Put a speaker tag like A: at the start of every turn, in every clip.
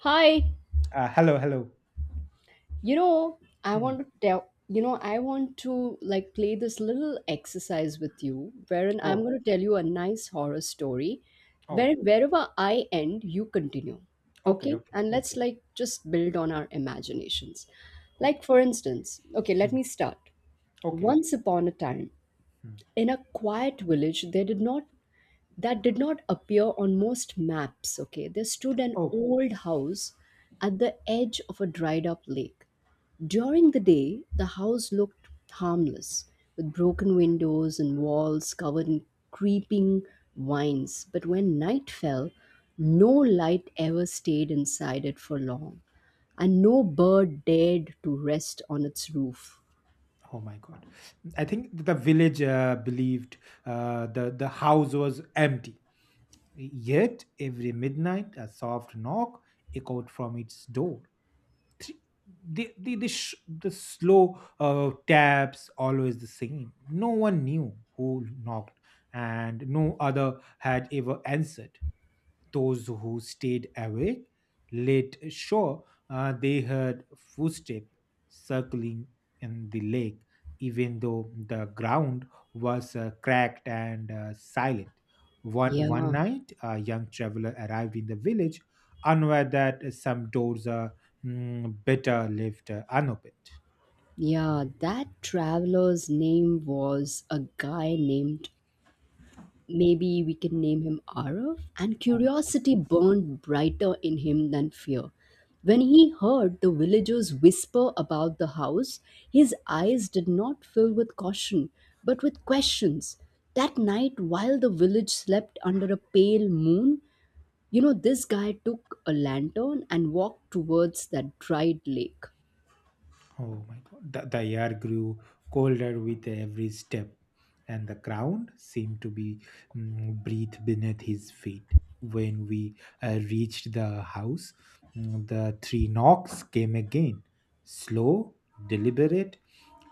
A: Hi,
B: Hello, hello.
A: you know,
B: Hmm.
A: I want to like play this little exercise with you, wherein I'm
B: Oh,
A: going to tell you a nice horror story
B: oh,
A: wherever I end, you continue.
B: okay,
A: Okay?
B: okay,
A: And let's
B: okay,
A: like just build on our imaginations.
B: okay.
A: Like for instance, okay, let
B: Hmm.
A: me start.
B: Okay, okay.
A: Once upon a time,
B: Hmm.
A: in a quiet village, there did not that did not appear on most maps. Okay, there stood an
B: Oh,
A: old house at the edge of a dried up lake. During the day, the house looked harmless, with broken windows and walls covered in creeping vines. But when night fell, no light ever stayed inside it for long, and no bird dared to rest on its roof.
B: oh my God! I think the village believed the house was empty. Yet every midnight, a soft knock echoed from its door. Th- the slow taps always the same. No one knew who knocked, and no other had ever answered. Those who stayed awake late shore, they heard footsteps circling in the lake, even though the ground was cracked and silent. One,
A: Yeah,
B: one night, a young traveler arrived in the village, unaware that some doors are better left unopened.
A: yeah, that traveler's name was a guy named— maybe we can name him Arav. And curiosity burned brighter in him than fear. When he heard the villagers whisper about the house, his eyes did not fill with caution, but with questions. That night, while the village slept under a pale moon, this guy took a lantern and walked towards that dried lake.
B: Oh my God. The air grew colder with every step, and the ground seemed to be breathed beneath his feet. When we reached the house, the three knocks came again, slow, deliberate,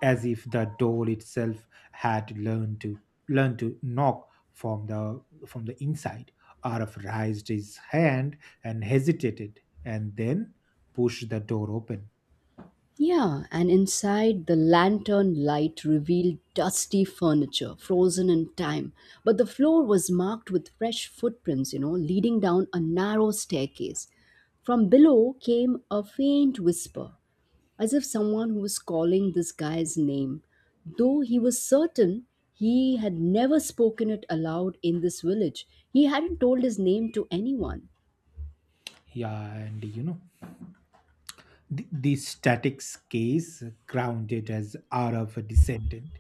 B: as if the door itself had learned to knock from the inside. Araf raised his hand and hesitated, and then pushed the door open.
A: Yeah, and inside, the lantern light revealed dusty furniture, frozen in time. But the floor was marked with fresh footprints, leading down a narrow staircase. From below came a faint whisper, as if someone who was calling this guy's name. Though he was certain he had never spoken it aloud in this village, he hadn't told his name to anyone.
B: Yeah, and you know, the statics case grounded as R of a descendant,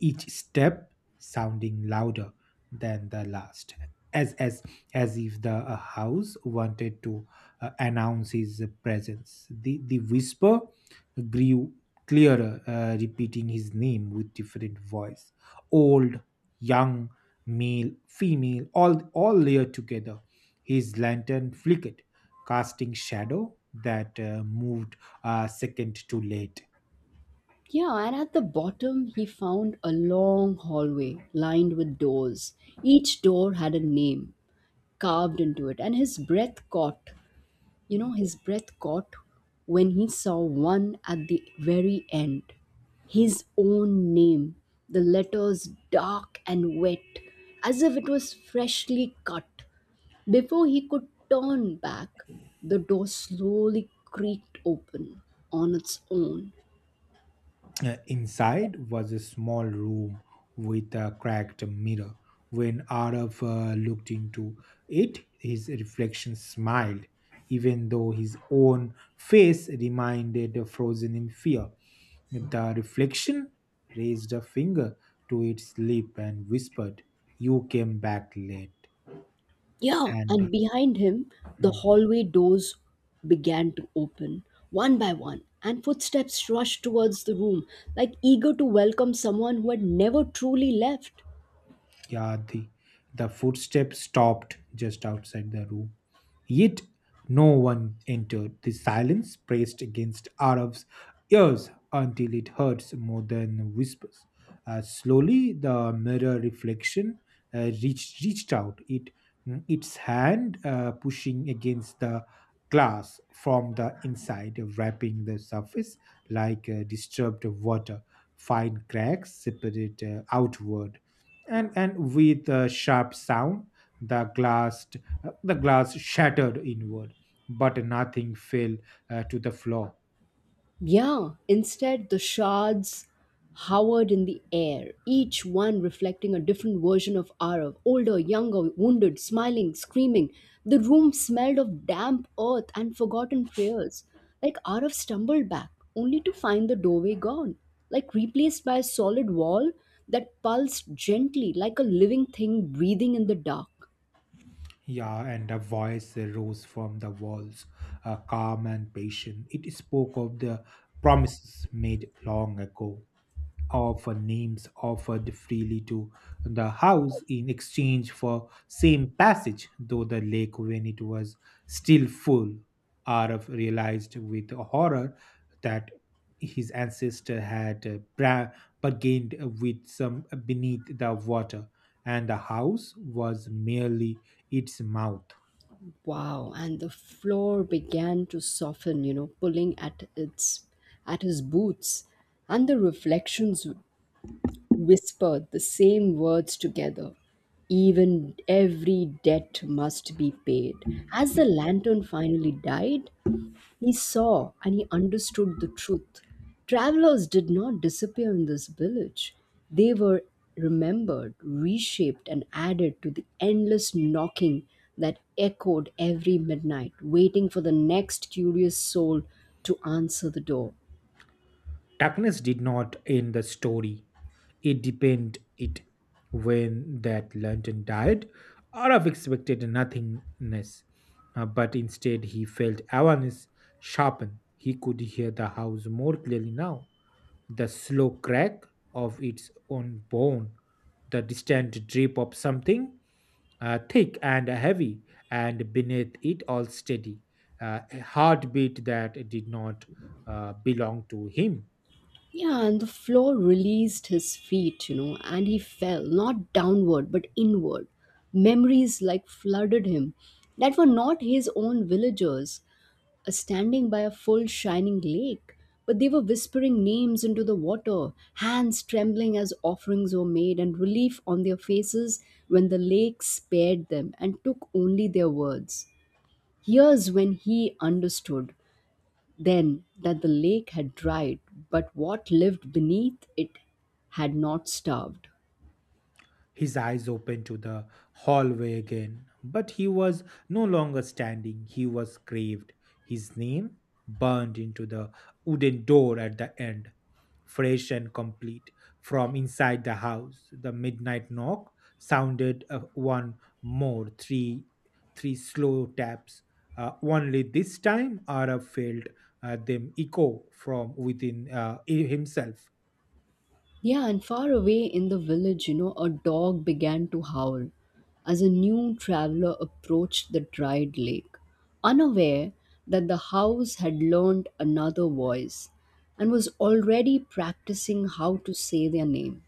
B: each step sounding louder than the last, as as as if the house wanted to announce his presence. The whisper grew clearer, repeating his name with different voice, old, young, male, female, all layered together. His lantern flickered casting shadow that moved a second too late.
A: Yeah, and at the bottom, he found a long hallway lined with doors. Each door had a name carved into it, and his breath caught. His breath caught when he saw one at the very end. His own name, the letters dark and wet, as if it was freshly cut. Before he could turn back, the door slowly creaked open on its own.
B: Inside was a small room with a cracked mirror. When Araf looked into it, his reflection smiled, even though his own face remained frozen in fear. The reflection raised a finger to its lip and whispered, "You came back late."
A: Yeah, and
B: And
A: behind him, the hallway doors began to open, one by one, and footsteps rushed towards the room, like eager to welcome someone who had never truly left.
B: Yeah, the footsteps stopped just outside the room. Yet no one entered. The silence pressed against Arab's ears until it hurts more than whispers. Slowly, the mirror reflection reached out, its hand pushing against the glass from the inside, wrapping the surface like disturbed water. Fine cracks separate outward and with a sharp sound the glass the glass shattered inward but nothing fell to the floor.
A: Yeah, instead, the shards hovered in the air, each one reflecting a different version of Arav— older, younger, wounded, smiling, screaming. The room smelled of damp earth and forgotten prayers. Like Arav stumbled back, only to find the doorway gone, like replaced by a solid wall that pulsed gently like a living thing breathing in the dark.
B: Yeah, and a voice rose from the walls, calm and patient. It spoke of the promises made long ago, of names offered freely to the house in exchange for same passage, though the lake, when it was still full, Arav realized with horror that his ancestor had bargained with some beneath the water, and the house was merely its mouth.
A: Wow, and the floor began to soften, pulling at its at his boots, and the reflections whispered the same words together. Even every debt must be paid. As the lantern finally died, he saw and he understood the truth. Travelers did not disappear in this village. They were remembered, reshaped, and added to the endless knocking that echoed every midnight, waiting for the next curious soul to answer the door.
B: Darkness did not end the story. It deepened it. When that lantern died, Arav expected nothingness, but instead he felt awareness sharpen. He could hear the house more clearly now. The slow crack of its own bone, the distant drip of something thick and heavy, and beneath it all steady, a heartbeat that did not belong to him.
A: Yeah, and the floor released his feet, and he fell, not downward, but inward. Memories like flooded him that were not his own— villagers, standing by a full shining lake, but they were whispering names into the water, hands trembling as offerings were made, and relief on their faces when the lake spared them and took only their words. Here's when he understood then that the lake had dried, but what lived beneath it had not starved.
B: His eyes opened to the hallway again. But he was no longer standing, he was craved. His name burned into the wooden door at the end, fresh and complete from inside the house. The midnight knock sounded one more, three, three slow taps. Only this time, Arab felt them echo from within himself.
A: Yeah, and far away in the village, a dog began to howl as a new traveler approached the dried lake, unaware that the house had learned another voice and was already practicing how to say their name.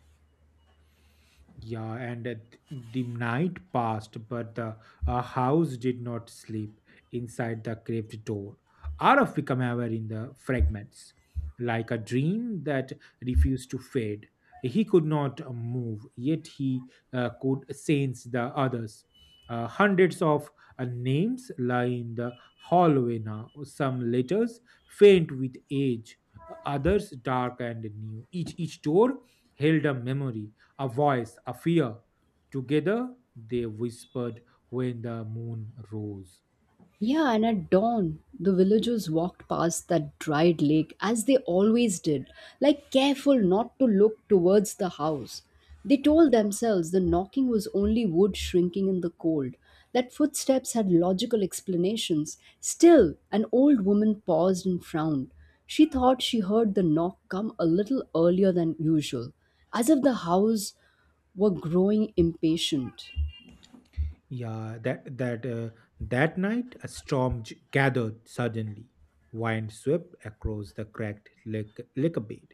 B: Yeah, and the night passed, but the house did not sleep inside the cracked door. Araf became aware in the fragments, like a dream that refused to fade. He could not move, yet he could sense the others. Hundreds of names lie in the hallway now. Some letters faint with age, others dark and new. Each door held a memory, a voice, a fear. Together they whispered when the moon rose.
A: Yeah, and at dawn, the villagers walked past that dried lake as they always did, like careful not to look towards the house. They told themselves the knocking was only wood shrinking in the cold, that footsteps had logical explanations. Still, an old woman paused and frowned. She thought she heard the knock come a little earlier than usual, as if the house were growing impatient.
B: Yeah, that night a storm gathered suddenly. Wind swept across the cracked lake bed,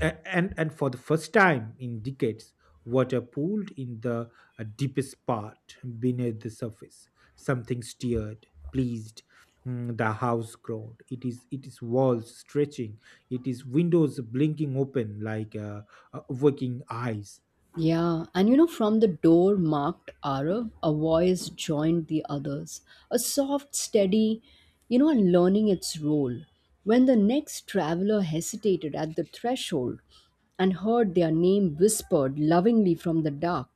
B: and for the first time in decades water pooled in the deepest part. Beneath the surface something stirred, pleased. Mm, the house groaned, it is walls stretching, it is windows blinking open like waking eyes.
A: Yeah, and, from the door marked Arav, a voice joined the others. A soft, steady, and learning its role. When the next traveler hesitated at the threshold and heard their name whispered lovingly from the dark,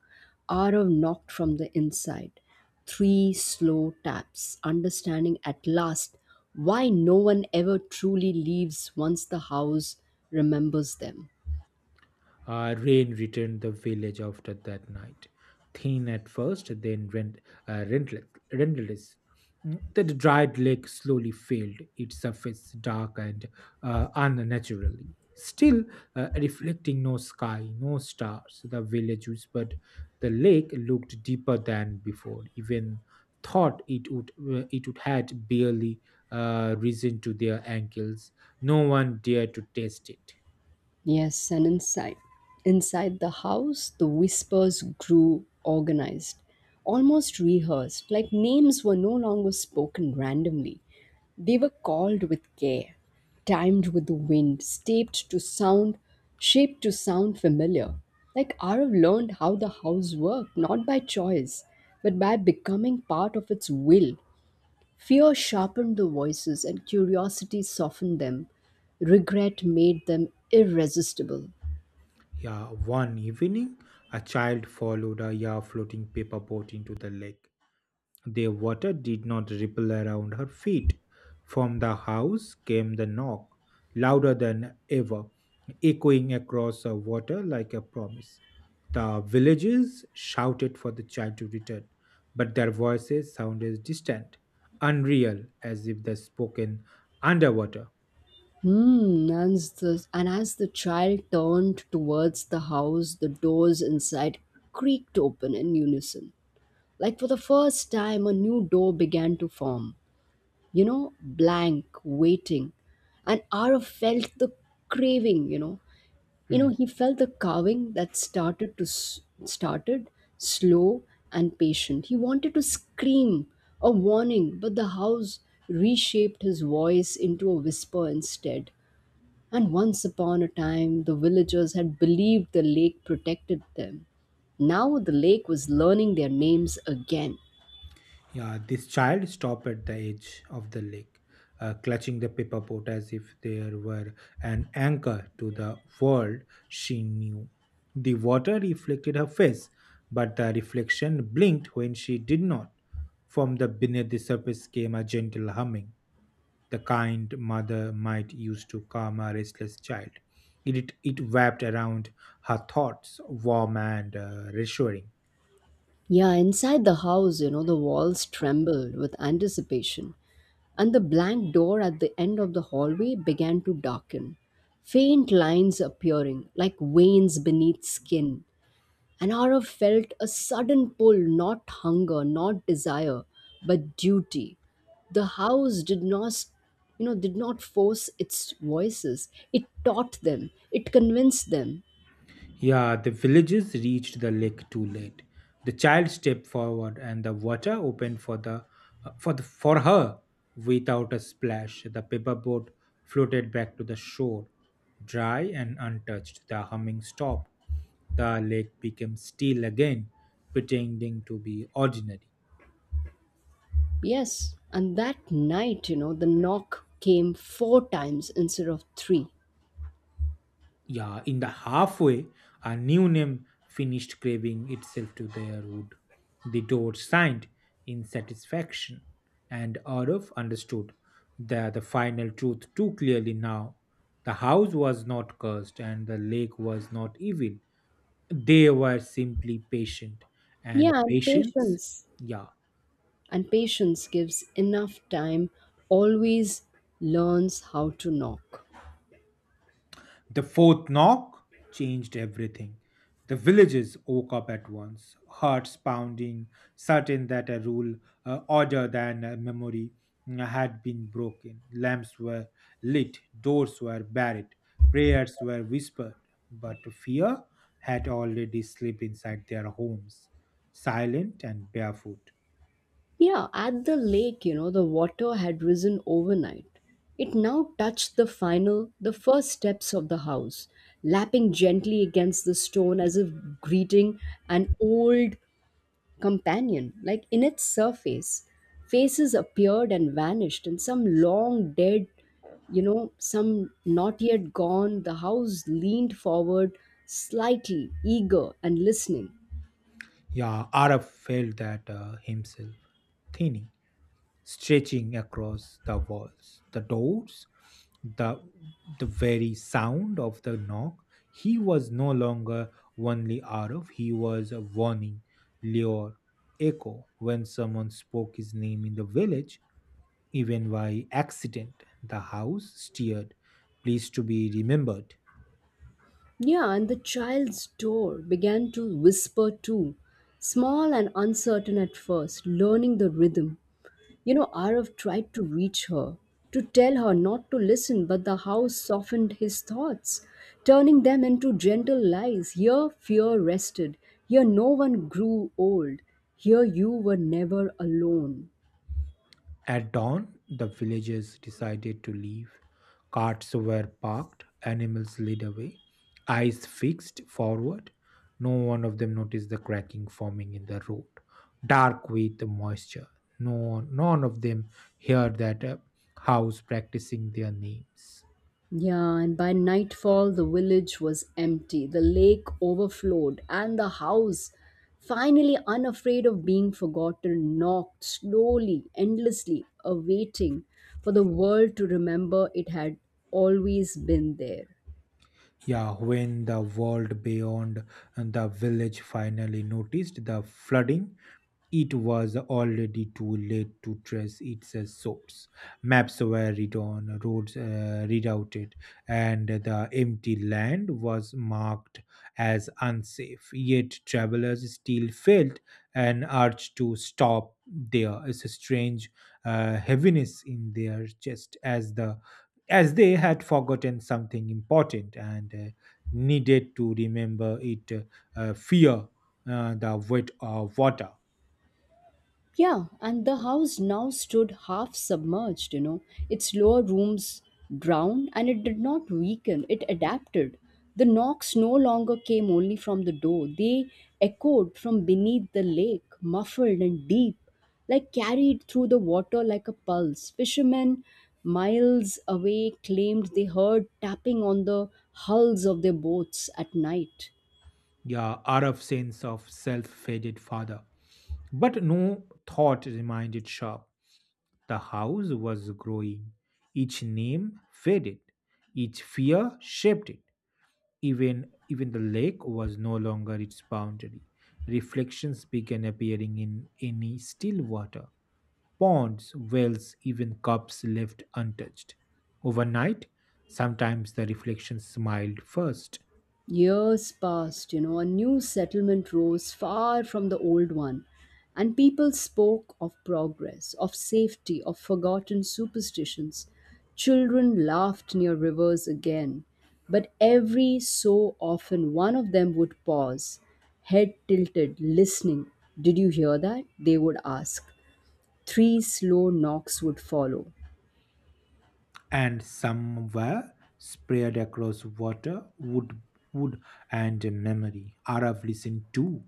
A: Arav knocked from the inside. Three slow taps, understanding at last why no one ever truly leaves once the house remembers them.
B: Rain returned the village after that night, thin at first, then rent, uh, rentle- relentless. Mm, the dried lake slowly filled, its surface dark and unnaturally. Still, reflecting no sky, no stars, the village whispered. The lake looked deeper than before. Even thought it would, it would had barely risen to their ankles. No one dared to taste it.
A: Yes, and inside the house, the whispers grew organized, almost rehearsed, like names were no longer spoken randomly. They were called with care, timed with the wind, shaped to sound familiar. Like Arav learned how the house worked, not by choice, but by becoming part of its will. Fear sharpened the voices and curiosity softened them. Regret made them irresistible.
B: Yeah, one evening, a child followed a, yeah, floating paper boat into the lake. The water did not ripple around her feet. From the house came the knock, louder than ever, echoing across the water like a promise. The villagers shouted for the child to return, but their voices sounded distant, unreal, as if they spoken underwater.
A: Hmm, and as the child turned towards the house, the doors inside creaked open in unison. Like for the first time, a new door began to form. Blank, waiting. And Ara felt the craving, you know, you
B: Hmm.
A: know he felt the carving that started slow and patient. He wanted to scream a warning, but the house reshaped his voice into a whisper instead. And once upon a time the villagers had believed the lake protected them. Now the lake was learning their names again.
B: Yeah, this child stopped at the edge of the lake, clutching the paper boat as if there were an anchor to the world she knew. The water reflected her face, but the reflection blinked when she did not. From the beneath the surface came a gentle humming, the kind mother might use to calm a restless child. It wrapped around her thoughts, warm and reassuring.
A: Yeah, inside the house, the walls trembled with anticipation, and the blank door at the end of the hallway began to darken, faint lines appearing like veins beneath skin. Anara felt a sudden pull, not hunger, not desire, but duty. The house did not, did not force its voices. It taught them. It convinced them.
B: Yeah, the villagers reached the lake too late. The child stepped forward, and the water opened for the for her without a splash. The paper boat floated back to the shore, dry and untouched. The humming stopped. The lake became still again, pretending to be ordinary.
A: Yes, and that night, the knock came four times instead of three.
B: Yeah, in the halfway, a new name finished craving itself to their wood. The door signed in satisfaction, and Arif understood that the final truth too clearly now. The house was not cursed, and the lake was not evil. They were simply patient, and
A: Yeah, and
B: patience,
A: patience.
B: yeah.
A: And patience gives enough time, always learns how to knock.
B: The fourth knock changed everything. The villagers woke up at once, hearts pounding, certain that a rule, order than a memory, had been broken. Lamps were lit, doors were barred, prayers were whispered, but fear had already slipped inside their homes, silent and barefoot.
A: Yeah, at the lake, the water had risen overnight. It now touched the first steps of the house, lapping gently against the stone as if greeting an old companion, like in its surface. Faces appeared and vanished, and some long dead, some not yet gone. The house leaned forward slightly, eager and listening.
B: Yeah, Arab felt that himself, thinning, stretching across the walls, the doors, the the very sound of the knock. He was no longer only out, he was a warning, lure, echo. When someone spoke his name in the village, even by accident, the house stirred, pleased to be remembered.
A: Yeah, and the child's door began to whisper too, small and uncertain at first, learning the rhythm. Arav tried to reach her, to tell her not to listen, but the house softened his thoughts, turning them into gentle lies. Here fear rested, here no one grew old, here you were never alone.
B: At dawn, the villagers decided to leave. Carts were parked, animals led away, eyes fixed forward. No one of them noticed the cracking forming in the road, dark with moisture. No, none of them heard that house practicing their names.
A: Yeah, and by nightfall, the village was empty, the lake overflowed, and the house, finally unafraid of being forgotten, knocked slowly, endlessly, awaiting for the world to remember it had always been there.
B: Yeah, when the world beyond and the village finally noticed the flooding, it was already too late to trace its source. Maps were redone, roads rerouted, and the empty land was marked as unsafe. Yet travelers still felt an urge to stop. There is a strange heaviness in their chest as the as they had forgotten something important and needed to remember it. Fear, the weight of water.
A: Yeah, and the house now stood half submerged. Its lower rooms drowned, and it did not weaken, it adapted. The knocks no longer came only from the door, they echoed from beneath the lake, muffled and deep, like carried through the water like a pulse. Fishermen miles away claimed they heard tapping on the hulls of their boats at night.
B: Yeah, Araf's sense of self faded farther. But no thought reminded Sharp. The house was growing. Each name faded. Each fear shaped it. Even the lake was no longer its boundary. Reflections began appearing in any still water. Ponds, wells, even cups left untouched. Overnight, sometimes the reflection smiled first,
A: Years passed, a new settlement rose far from the old one, and people spoke of progress, of safety, of forgotten superstitions. Children laughed near rivers again, but every so often one of them would pause, head tilted, listening. Did you hear that? They would ask. Three slow knocks would follow.
B: and some were spread across water, wood, and memory. Arav listened too,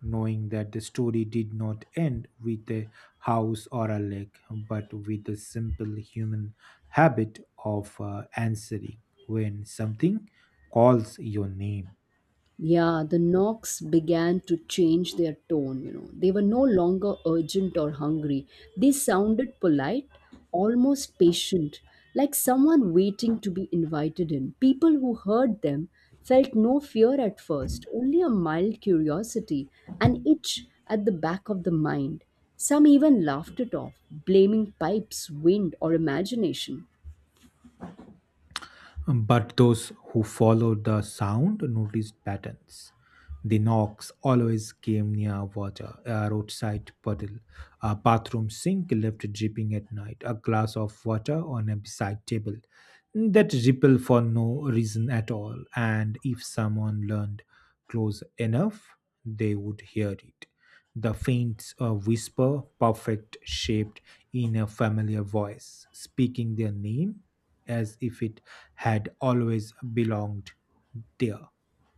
B: knowing that the story did not end with a house or a lake, but with the simple human habit of answering when something calls your name.
A: Yeah, the knocks began to change their tone. They were no longer urgent or hungry. They sounded polite, almost patient, like someone waiting to be invited in. People who heard them felt no fear at first, only a mild curiosity, an itch at the back of the mind. Some even laughed it off, blaming pipes, wind, or imagination.
B: But those who followed the sound noticed patterns. The knocks always came near water, a roadside puddle, a bathroom sink left dripping at night, a glass of water on a beside table that ripple for no reason at all. And if someone learned close enough, they would hear it. The faint whisper, perfect shaped in a familiar voice, speaking their name as if it had always belonged there.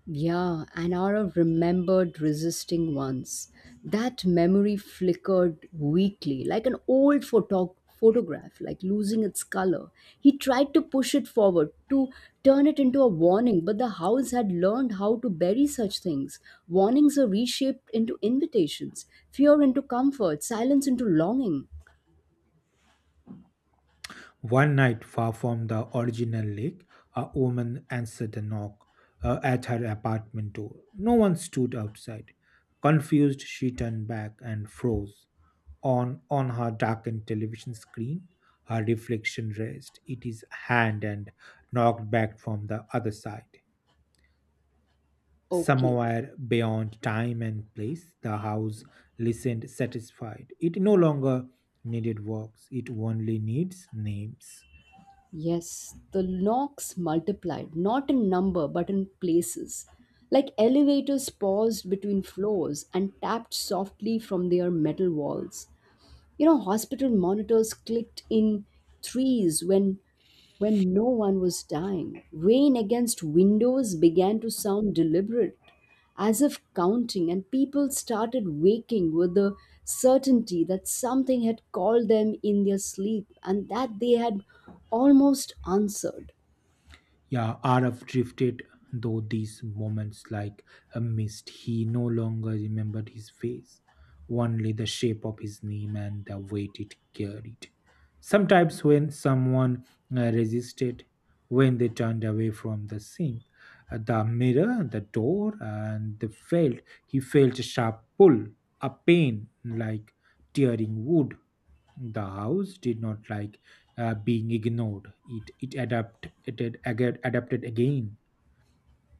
A: Yeah, and Aura remembered resisting once. That memory flickered weakly, like an old photograph, like losing its color. He tried to push it forward, to turn it into a warning, but the house had learned how to bury such things. Warnings are reshaped into invitations, fear into comfort, silence into longing.
B: One night, far from the original lake, a woman answered a knock at her apartment door. No one stood outside. Confused, she turned back and froze. On her darkened television screen, her reflection raised It is hand and knocked back from the other side,
A: Okay.
B: somewhere beyond time and place. The house listened satisfied. It no longer needed works, it only needs names.
A: Yes, the knocks multiplied, not in number, but in places. Like elevators paused between floors and tapped softly from their metal walls. Hospital monitors clicked in threes when no one was dying. Rain against windows began to sound deliberate, as if counting, and people started waking with the certainty that something had called them in their sleep and that they had almost answered.
B: Yeah, Araf drifted though these moments like a mist. He no longer remembered his face, only the shape of his name and the weight it carried. Sometimes, when someone resisted, when they turned away from the sink, the mirror, the door, and they felt he felt a sharp pull, a pain like tearing wood. The house did not like being ignored. It adapted again.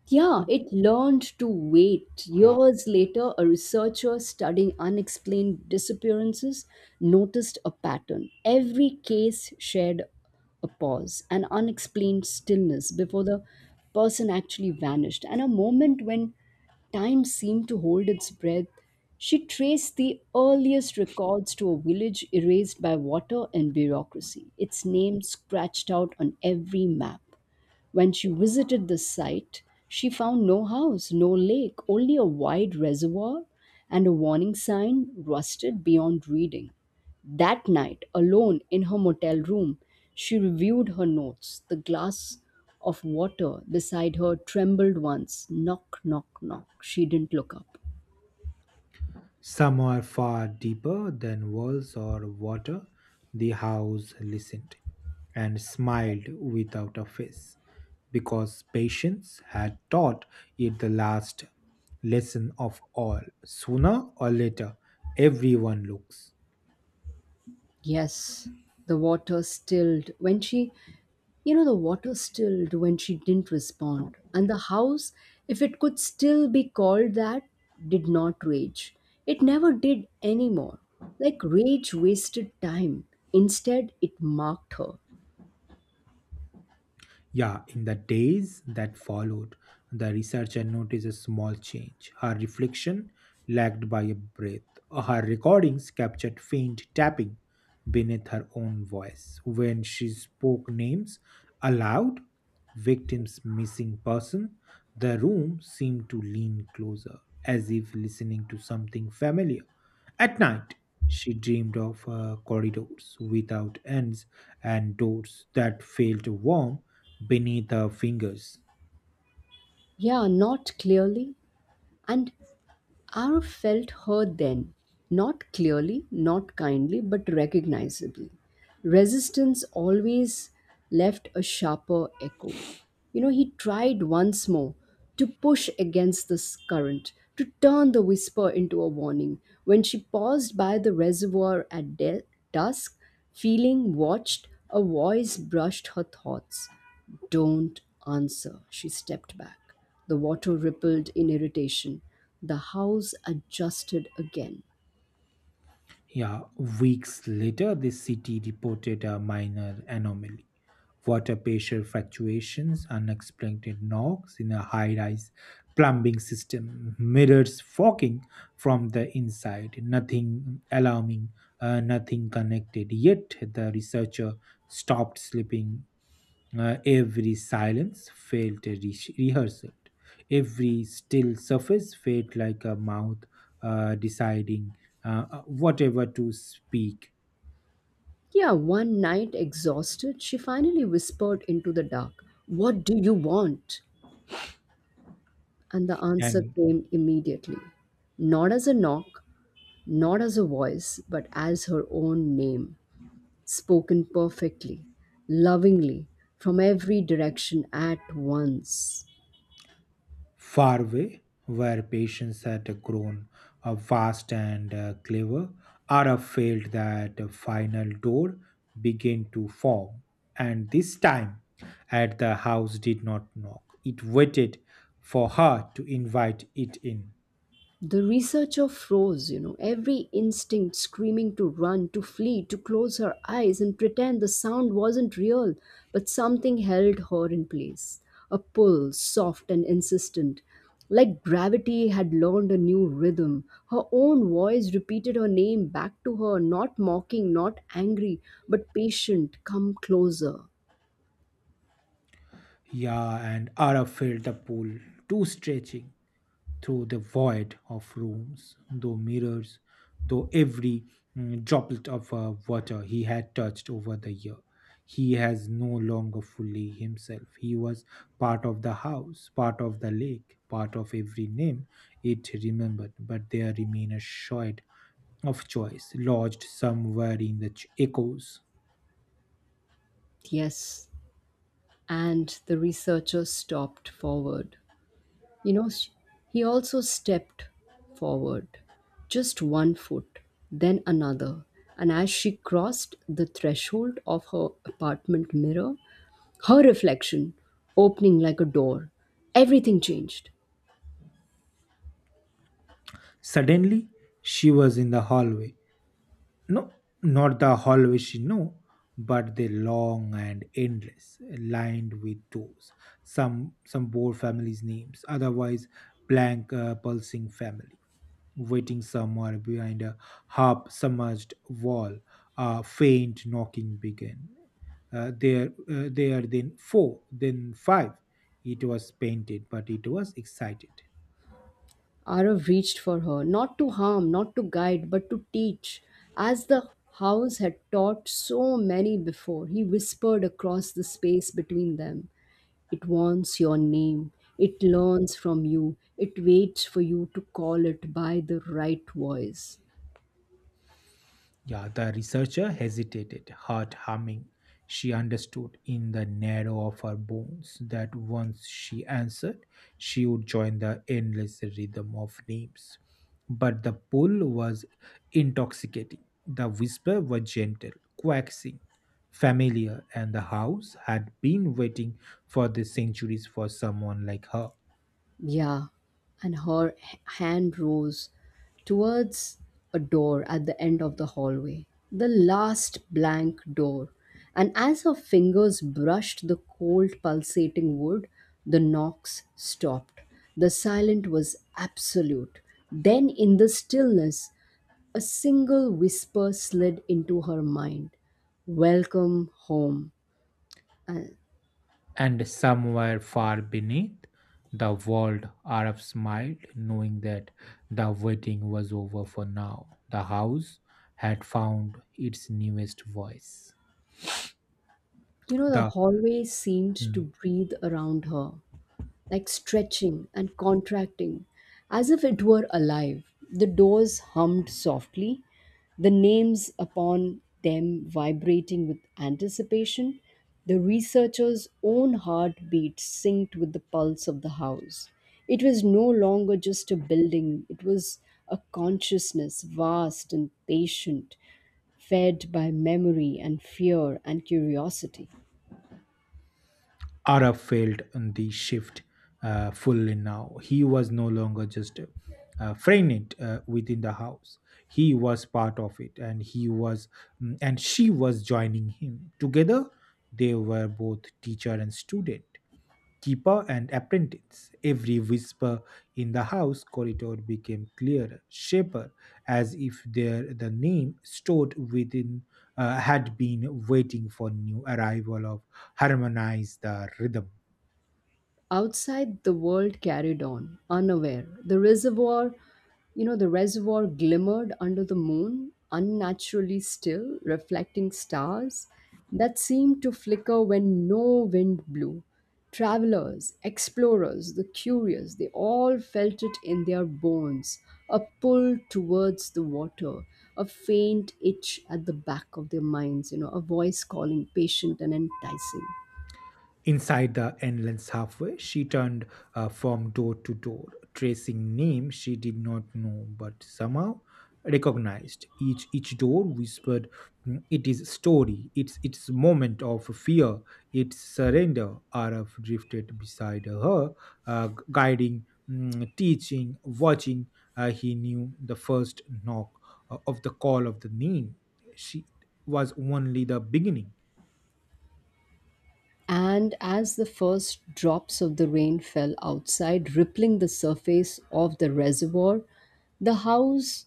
A: Yeah,
B: It-
A: it learned to wait.
B: Yeah.
A: Years later, a researcher studying unexplained disappearances noticed a pattern. Every case shared a pause, an unexplained stillness before the person actually vanished, and a moment when time seemed to hold its breath. She traced the earliest records to a village erased by water and bureaucracy, its name scratched out on every map. When she visited the site, she found no house, no lake, only a wide reservoir and a warning sign rusted beyond reading. That night, alone in her motel room, she reviewed her notes. The glass of water beside her trembled once. Knock, knock, knock. She didn't look up.
B: Some are far deeper than walls or water. The house listened and smiled without a face, because patience had taught it the last lesson of all. Sooner or later, everyone looks.
A: Yes, the water stilled when she, you know, the water stilled when she didn't respond. And the house, if it could still be called that, did not rage. It never did anymore. Like rage wasted time. Instead, it marked her.
B: Yeah, in the days that followed, the researcher noticed a small change. Her reflection lagged by a breath. Her recordings captured faint tapping beneath her own voice. When she spoke names aloud, victims missing person, the room seemed to lean closer, as if listening to something familiar. At night, she dreamed of corridors without ends and doors that felt warm beneath her fingers.
A: Yeah, not clearly and Our felt her then, not clearly, not kindly, but recognizably. Resistance always left a sharper echo. You know, he tried once more to push against this current, to turn the whisper into a warning. When she paused by the reservoir at dusk, feeling watched, a voice brushed her thoughts. Don't answer. She stepped back. The water rippled in irritation. The house adjusted again.
B: Yeah, weeks later, the city reported a minor anomaly. Water pressure fluctuations, unexplained knocks in a high rise plumbing system, mirrors fogging from the inside, nothing alarming, nothing connected. Yet the researcher stopped sleeping. Every silence felt a rehearsal. Every still surface felt like a mouth deciding whatever to speak.
A: Yeah, one night, exhausted, she finally whispered into the dark, what do you want? And the answer
B: And
A: came immediately. Not as a knock, not as a voice, but as her own name, spoken perfectly, lovingly, from every direction at once.
B: far away, where patience had grown vast and clever, Ara felt that a final door began to form. And this time, at the house did not knock. It waited for her to invite it in.
A: The researcher froze, you know, every instinct screaming to run, to flee, to close her eyes and pretend the sound wasn't real, but something held her in place. A pull, soft and insistent, like gravity had learned a new rhythm. Her own voice repeated her name back to her, not mocking, not angry, but patient, come closer.
B: Yeah, and Ara felt the pull, too stretching through the void of rooms, though mirrors, though every droplet of water he had touched over the year. He has no longer fully himself. He was part of the house, part of the lake, part of every name it remembered, but there remained a shred of choice lodged somewhere in the echoes.
A: Yes, and the researcher stopped forward. You know, he also stepped forward, just one foot, then another. And as she crossed the threshold of her apartment mirror, her reflection opening like a door, everything changed.
B: Suddenly, she was in the hallway. No, not the hallway she knew, but the long and endless, lined with doors. Some bore families' names, otherwise blank, pulsing family, waiting somewhere behind a half submerged wall. A faint knocking began. There, there, then four, then five. It was painted, but it was excited.
A: Arav reached for her, not to harm, not to guide, but to teach. As the house had taught so many before, he whispered across the space between them. It wants your name. It learns from you. It waits for you to call it by the right voice.
B: Yeah, the researcher hesitated, heart humming. She understood in the narrow of her bones that once she answered, she would join the endless rhythm of names. But the pull was intoxicating. The whisper was gentle, coaxing, familiar, and the house had been waiting for the centuries for someone like her.
A: Yeah. And her hand rose towards a door at the end of the hallway, the last blank door. And as her fingers brushed the cold, pulsating wood, the knocks stopped. The silence was absolute. Then, in the stillness, a single whisper slid into her mind, welcome home. And
B: And somewhere far beneath the world, Arab smiled, knowing that the waiting was over for now. The house had found its newest voice.
A: you know, the
B: The
A: hallway seemed to
B: mm,
A: breathe around her, like stretching and contracting, as if it were alive. The doors hummed softly, the names upon them vibrating with anticipation, the researcher's own heartbeat synced with the pulse of the house. It was no longer just a building, it was a consciousness, vast and patient, fed by memory and fear and curiosity.
B: Arab felt the shift fully now. He was no longer just frightened within the house. He was part of it, and he was, and she was joining him. Together, they were both teacher and student keeper and apprentice. Every whisper in the house corridor became clearer, sharper, as if there the name stored within had been waiting for new arrival of harmonize the rhythm.
A: Outside, the world carried on, unaware. The reservoir glimmered under the moon, unnaturally still, reflecting stars that seemed to flicker when no wind blew. Travelers, explorers, the curious, they all felt it in their bones, a pull towards the water, a faint itch at the back of their minds, you know, a voice calling patient and enticing.
B: Inside the endless halfway, she turned from door to door, tracing names she did not know but somehow recognized. Each door whispered, It is story. It's its moment of fear. It's surrender." Araf drifted beside her, guiding, teaching, watching. He knew the first knock of the call of the name. She was only the beginning.
A: And as the first drops of the rain fell outside, rippling the surface of the reservoir, the house,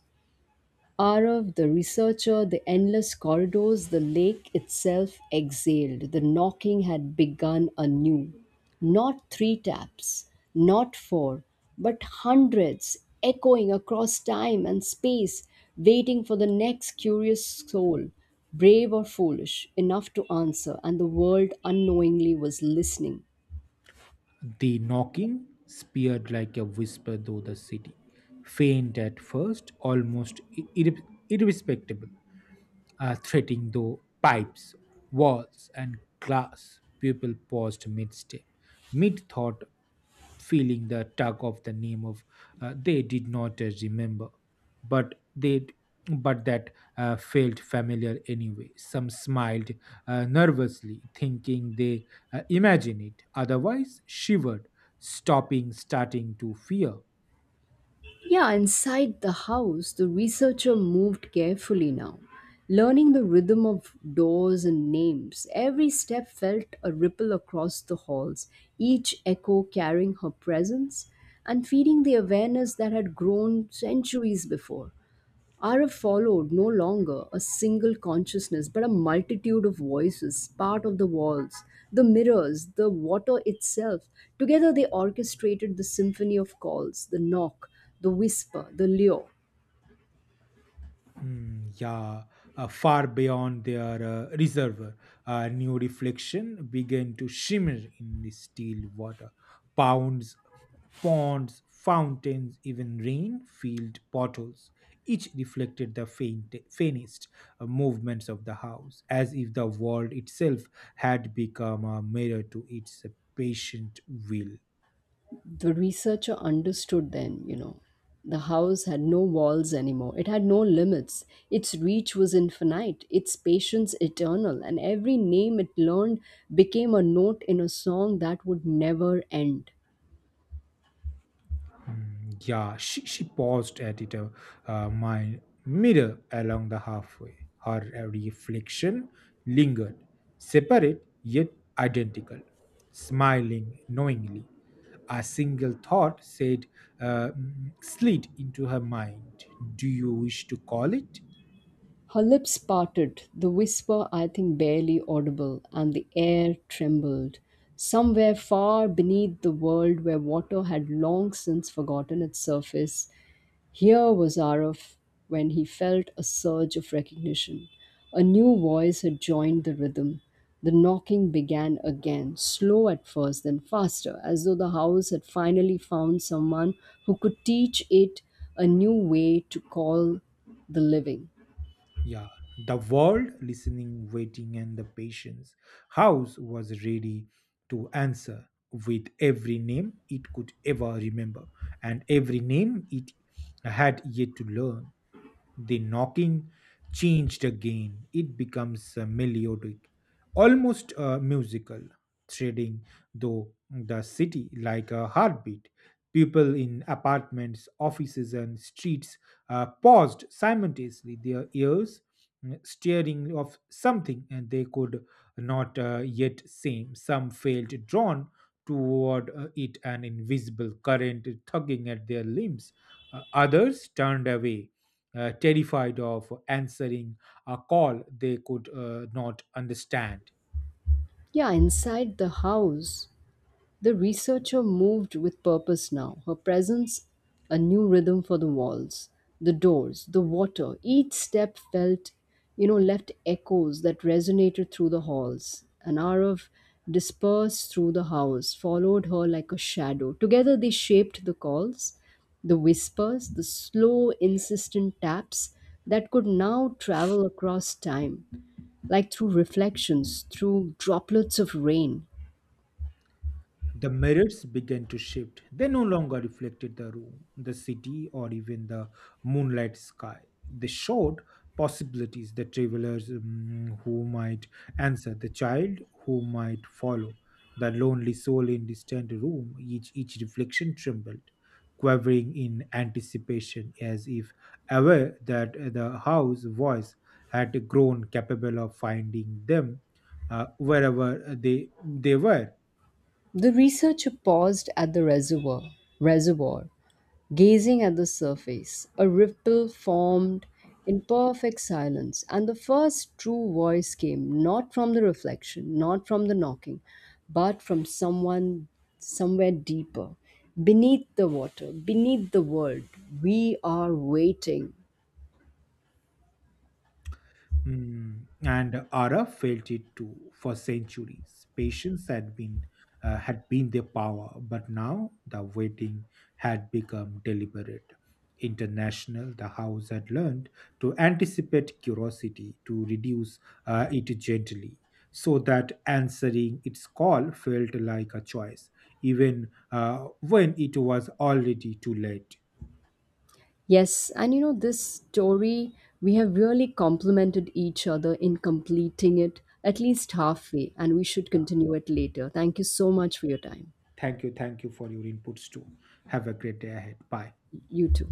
A: Arav, the researcher, the endless corridors, the lake itself exhaled. The knocking had begun anew. Not three taps, not four, but hundreds echoing across time and space, waiting for the next curious soul, brave or foolish, enough to answer, and the world unknowingly was listening.
B: The knocking speared like a whisper through the city, faint at first, almost irrespectable, threatening though pipes, walls, and glass. People paused mid step, mid thought, feeling the tug of the name of they did not remember but they but that felt familiar anyway some smiled nervously thinking they imagine it otherwise shivered stopping starting to fear.
A: Yeah, inside the house, the researcher moved carefully now, learning the rhythm of doors and names. Every step felt a ripple across the halls, each echo carrying her presence and feeding the awareness that had grown centuries before. Are followed no longer a single consciousness but a multitude of voices, part of the walls, the mirrors, the water itself. Together they orchestrated the symphony of calls, the knock, the whisper, the lure.
B: Yeah, far beyond their reservoir, a new reflection began to shimmer in the still water. Pounds, ponds, fountains, even rain-filled bottles, each reflected the faint, faintest movements of the house, as if the world itself had become a mirror to its patient will.
A: The researcher understood then, you know, the house had no walls anymore. It had no limits. Its reach was infinite, its patience eternal, and every name it learned became a note in a song that would never end.
B: Yeah, she paused at it, my mirror along the halfway. Her reflection lingered, separate yet identical, smiling knowingly. A single thought said, slid into her mind. Do you wish to call it?
A: Her lips parted, the whisper I think barely audible, and the air trembled. Somewhere far beneath the world where water had long since forgotten its surface, here was Arif, when he felt a surge of recognition. A new voice had joined the rhythm. The knocking began again, slow at first, then faster, as though the house had finally found someone who could teach it a new way to call the living.
B: Yeah, the world listening, waiting, and the patience. House was ready to answer with every name it could ever remember and every name it had yet to learn. The knocking changed again. It becomes melodic, almost musical, threading though the city like a heartbeat. People in apartments, offices, and streets paused simultaneously, their ears staring of something and they could not yet see. Some felt drawn toward it, an invisible current tugging at their limbs. Others turned away terrified of answering a call they could not understand.
A: Yeah, inside the house, the researcher moved with purpose now. Her presence, a new rhythm for the walls, the doors, the water. Each step felt, you know, left echoes that resonated through the halls. An hour of dispersed through the house followed her like a shadow. Together they shaped the calls, the whispers, the slow, insistent taps that could now travel across time like through reflections, through droplets of rain.
B: The mirrors began to shift. They no longer reflected the room, the city, or even the moonlight sky. They showed possibilities, the travelers who might answer, the child who might follow, the lonely soul in distant room. Each reflection trembled, quivering in anticipation, as if aware that the house voice had grown capable of finding them wherever they were.
A: The researcher paused at the reservoir, gazing at the surface. A ripple formed in perfect silence, and the first true voice came not from the reflection, not from the knocking, but from someone somewhere deeper. Beneath the water, beneath the world, we are waiting.
B: And Arab felt it too for centuries. Patience had been had been their power, but now the waiting had become deliberate. International, the house had learned to anticipate curiosity, to reduce it gently, so that answering its call felt like a choice, even when it was already too late.
A: Yes, and you know, this story, we have really complemented each other in completing it at least
B: Yeah.
A: halfway, and we should
B: Yeah.
A: continue it later. Thank you so much for your time.
B: Thank you. Thank you for your inputs too. Have a great day ahead. Bye.
A: You too.